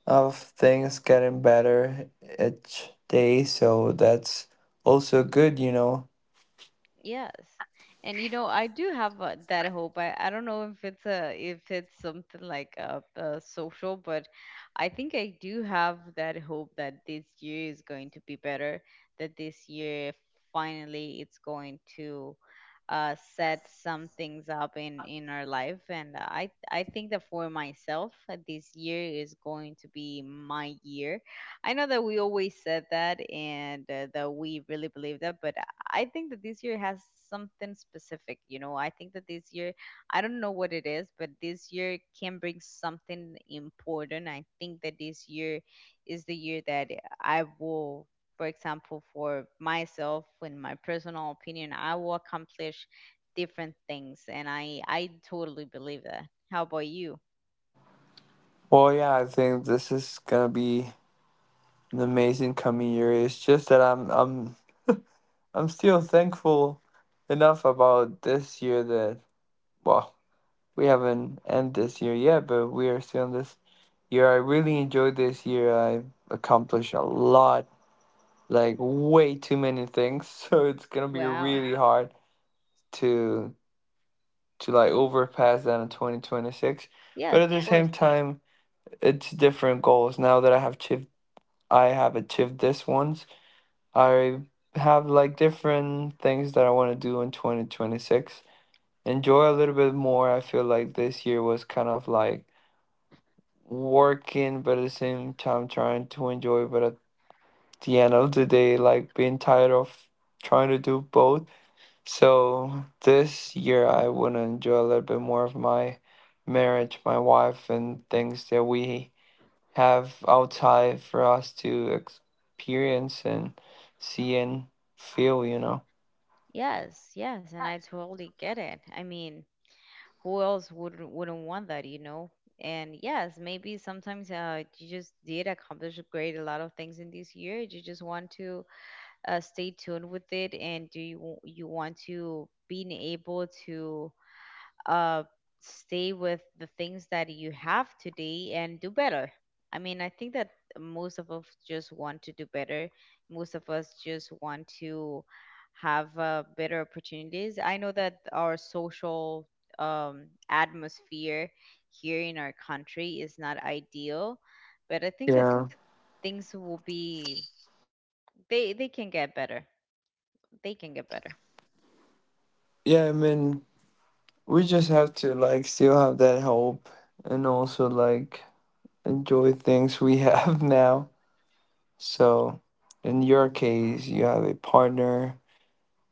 Speaker 2: of things getting better each day, so that's also good, you know.
Speaker 1: Yes. And you know, I do have that hope. I don't know if it's something like social, but I think I do have that hope that this year is going to be better, that this year finally it's going to set some things up in our life. And I think that for myself, this year is going to be my year. I know that we always said that, and that we really believe that, but I think that this year has something specific, you know. I think that this year, I don't know what it is, but this year can bring something important. I think that this year is the year that I will, for example, for myself, in my personal opinion, I will accomplish different things. And I totally believe that. How about you?
Speaker 2: Well, yeah, I think this is gonna be an amazing coming year. It's just that I'm still thankful enough about this year that, well, we haven't end this year yet, but we are still in this year. I really enjoyed this year. I accomplished a lot, like way too many things, so it's gonna be
Speaker 1: Wow.
Speaker 2: really hard to like overpass that in 2026, but
Speaker 1: Yes,
Speaker 2: at
Speaker 1: of
Speaker 2: the
Speaker 1: course.
Speaker 2: same time it's different goals now that I have achieved this once. I have like different things that I want to do in 2026. Enjoy a little bit more. I feel like this year was kind of like working but at the same time trying to enjoy, but at the end of the day like being tired of trying to do both. So this year I want to enjoy a little bit more of my marriage, my wife, and things that we have outside for us to experience and see and feel, you know.
Speaker 1: Yes, yes. And I totally get it. I mean, who else wouldn't want that, you know? And yes, maybe sometimes you just did accomplish a great a lot of things in this year. You just want to stay tuned with it, and do you you want to being able to uh, stay with the things that you have today and do better. I mean, I think that most of us just want to do better. Most of us just want to have better opportunities. I know that our social atmosphere here in our country is not ideal, but I think that
Speaker 2: Yeah.
Speaker 1: things will be, they can get better. They can get better.
Speaker 2: Yeah, I mean, we just have to like still have that hope and also like enjoy things we have now. So in your case, you have a partner,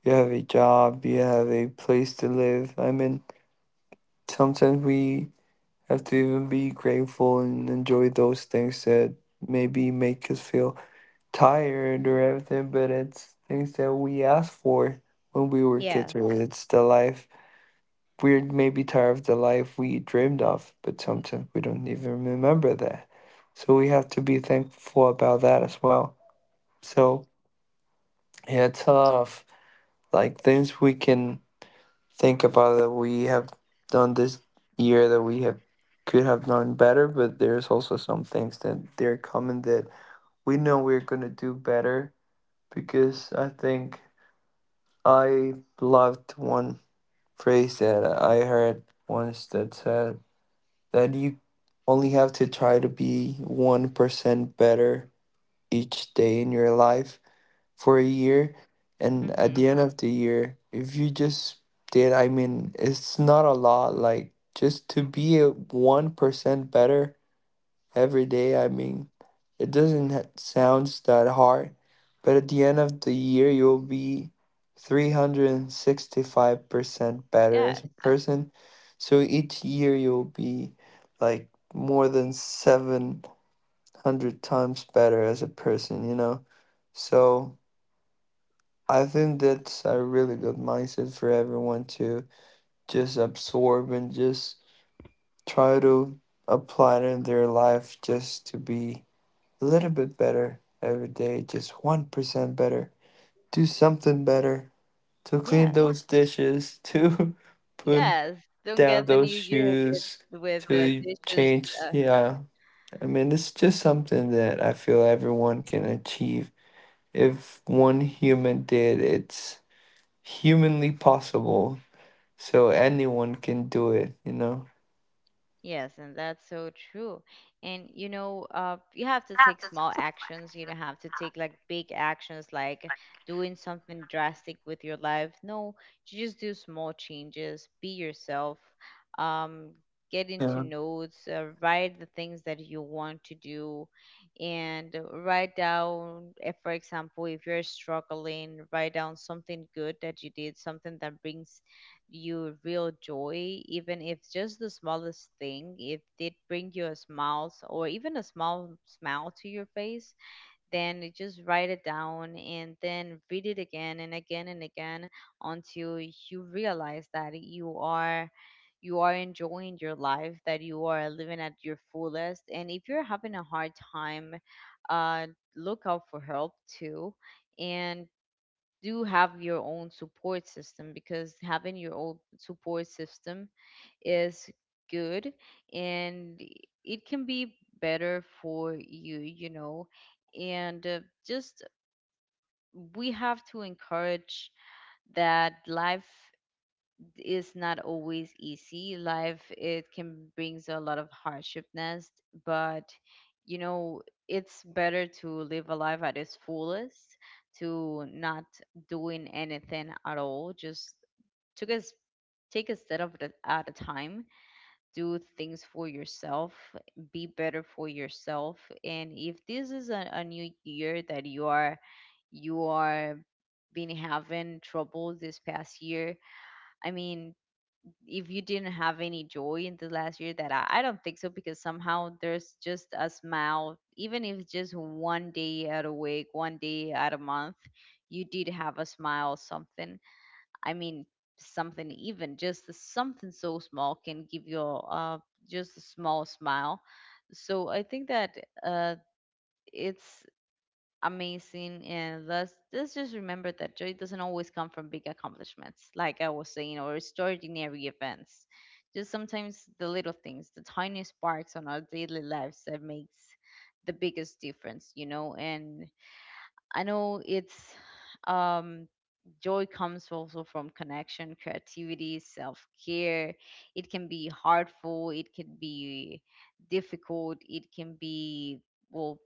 Speaker 2: you have a job, you have a place to live. I mean, sometimes we have to even be grateful and enjoy those things that maybe make us feel tired or everything, but it's things that we asked for when we were kids,
Speaker 1: Yes.
Speaker 2: or it's the life we're maybe tired of, the life we dreamed of, but sometimes we don't even remember that. So we have to be thankful about that as well. So yeah, it's a lot of like things we can think about that we have done this year that we have could have done better, but there's also some things that they're coming that we know we're gonna do better. Because I think I loved one phrase that I heard once that said that you only have to try to be 1% better each day in your life for a year, and at the
Speaker 1: Mhm.
Speaker 2: end of the year, if you just did, I mean, it's not a lot, like just to be a 1% better every day. I mean, it doesn't ha- sounds that hard, but at the end of the year you'll be 365% better as
Speaker 1: Yes.
Speaker 2: a person. So each year you'll be like more than 700 times better as a person, you know. So I think that's a really good mindset for everyone to just absorb and just try to apply it in their life, just to be a little bit better every day, just 1% better. Do something better, to clean those
Speaker 1: Yes.
Speaker 2: dishes, to put
Speaker 1: Yes, don't
Speaker 2: down
Speaker 1: get the
Speaker 2: those
Speaker 1: new year
Speaker 2: shoes,
Speaker 1: with the
Speaker 2: to
Speaker 1: dishes.
Speaker 2: change.
Speaker 1: uh
Speaker 2: Yeah, I mean, it's just something that I feel everyone can achieve. If one human did, it's humanly possible, so anyone can do it, you know.
Speaker 1: Yes, and that's so true. And you know, you have to take small actions. You don't have to take like big actions, like doing something drastic with your life. No, you just do small changes. Be yourself. Um, get into
Speaker 2: Yeah.
Speaker 1: notes. Write the things that you want to do, and write down. If, for example, if you're struggling, write down something good that you did, something that brings you real joy. Even if it's just the smallest thing, if it bring you or even a small smile to your face, then you just write it down and then read it again and again and again until you realize that you are enjoying your life, that you are living at your fullest. And if you're having a hard time, uh, look out for help too. And do have your own support system, because having your own support system is good, and it can be better for you, you know. And just We have to encourage that life is not always easy. Life, it can brings a lot of hardshipness, but you know, it's better to live a life at its fullest, to not doing anything at all. Just took us take a step at a time. Do things for yourself, be better for yourself. And if this is a new year that you are been having trouble this past year, I mean, if you didn't have any joy in the last year, that I don't think so, because somehow there's just a smile. Even if it's just one day out of week, one day out of month, you did have a smile, something. I mean, something, even just the something so small, can give you just a small smile. So I think that uh it's amazing. And let's just remember that joy doesn't always come from big accomplishments, like I was saying, or extraordinary events. Just sometimes the little things, the tiny sparks on our daily lives, that makes the biggest difference, you know. And I know it's um joy comes also from connection, creativity, self-care. It can be hurtful, it can be difficult, it can be, well,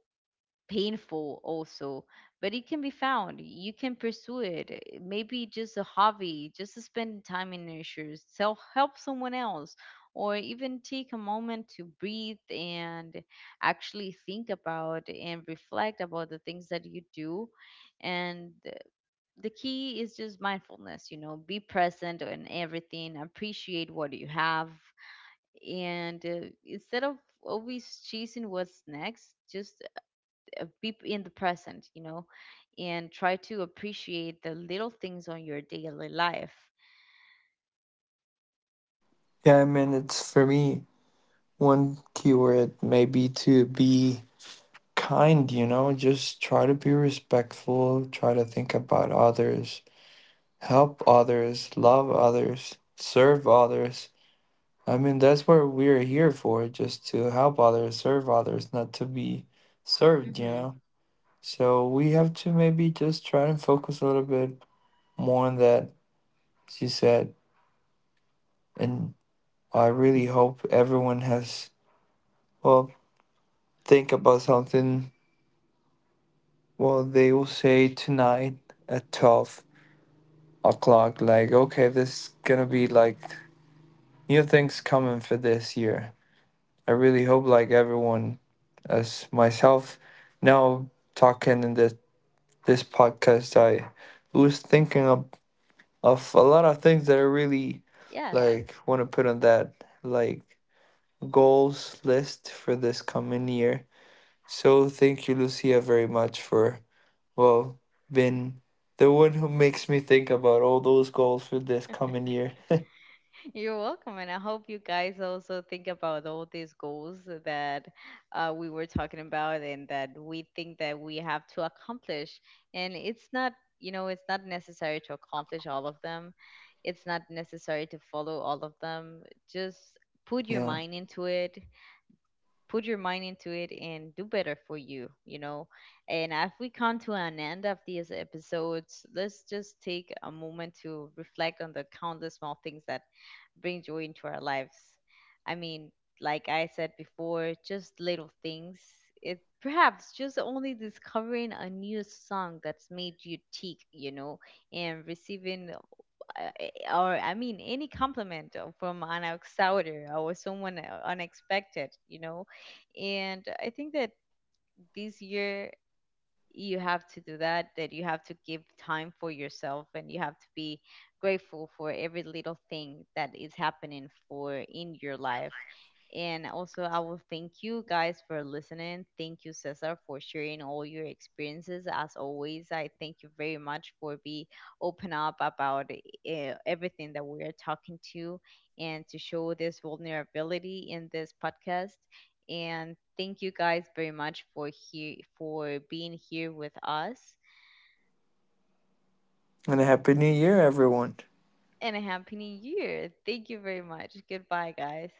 Speaker 1: painful also, but it can be found. You can pursue it. Eh, maybe just a hobby, just to spend time in nature, self help someone else, or even take a moment to breathe and actually think about and reflect about the things that you do. And the key is just mindfulness, you know. Be present in everything, appreciate what you have, and instead of always chasing what's next, just in the present, you know, and try to appreciate the little things on your daily life.
Speaker 2: Yeah, I mean, it's for me, one keyword may be to be kind, you know, just try to be respectful, try to think about others, help others, love others, serve others. I mean, that's what we're here for, just to help others, serve others, not to be served, you
Speaker 1: Hmm.
Speaker 2: know. So we have to maybe just try and focus a little bit more on that, as you said. And I really hope everyone has, well, think about something, well, they will say tonight at 12 o'clock, like, okay, this is gonna be like new things coming for this year. I really hope, like, everyone, as myself, now talking in this, this podcast, I was thinking of a lot of things that I really
Speaker 1: Yes.
Speaker 2: like want to put on that, like, goals list for this coming year. So, thank you, Lucia, very much for, well, been the one who makes me think about all those goals for this coming year.
Speaker 1: You're welcome. And I hope you guys also think about all these goals that, we were talking about, and that we think that we have to accomplish. And it's not, you know, it's not necessary to accomplish all of them. It's not necessary to follow all of them. Just put your
Speaker 2: Yeah.
Speaker 1: mind into it, and do better for you, you know. And as we come to an end of these episodes, let's just take a moment to reflect on the countless small things that bring joy into our lives. I mean, like I said before, just little things. It perhaps just only discovering a new song that's made you tick, you know. And receiving or I mean, any compliment from an outsider or someone unexpected, you know. And I think that this year you have to do that, you have to give time for yourself, and you have to be grateful for every little thing that is happening for in your life. And also, I will thank you guys for listening. Thank you, Cesar, for sharing all your experiences. As always, I thank you very much for be open up about everything that we are talking to, and to show this vulnerability in this podcast. And thank you guys very much for here for being here with us.
Speaker 2: And a happy new year, everyone.
Speaker 1: And a happy new year. Thank you very much. Goodbye, guys.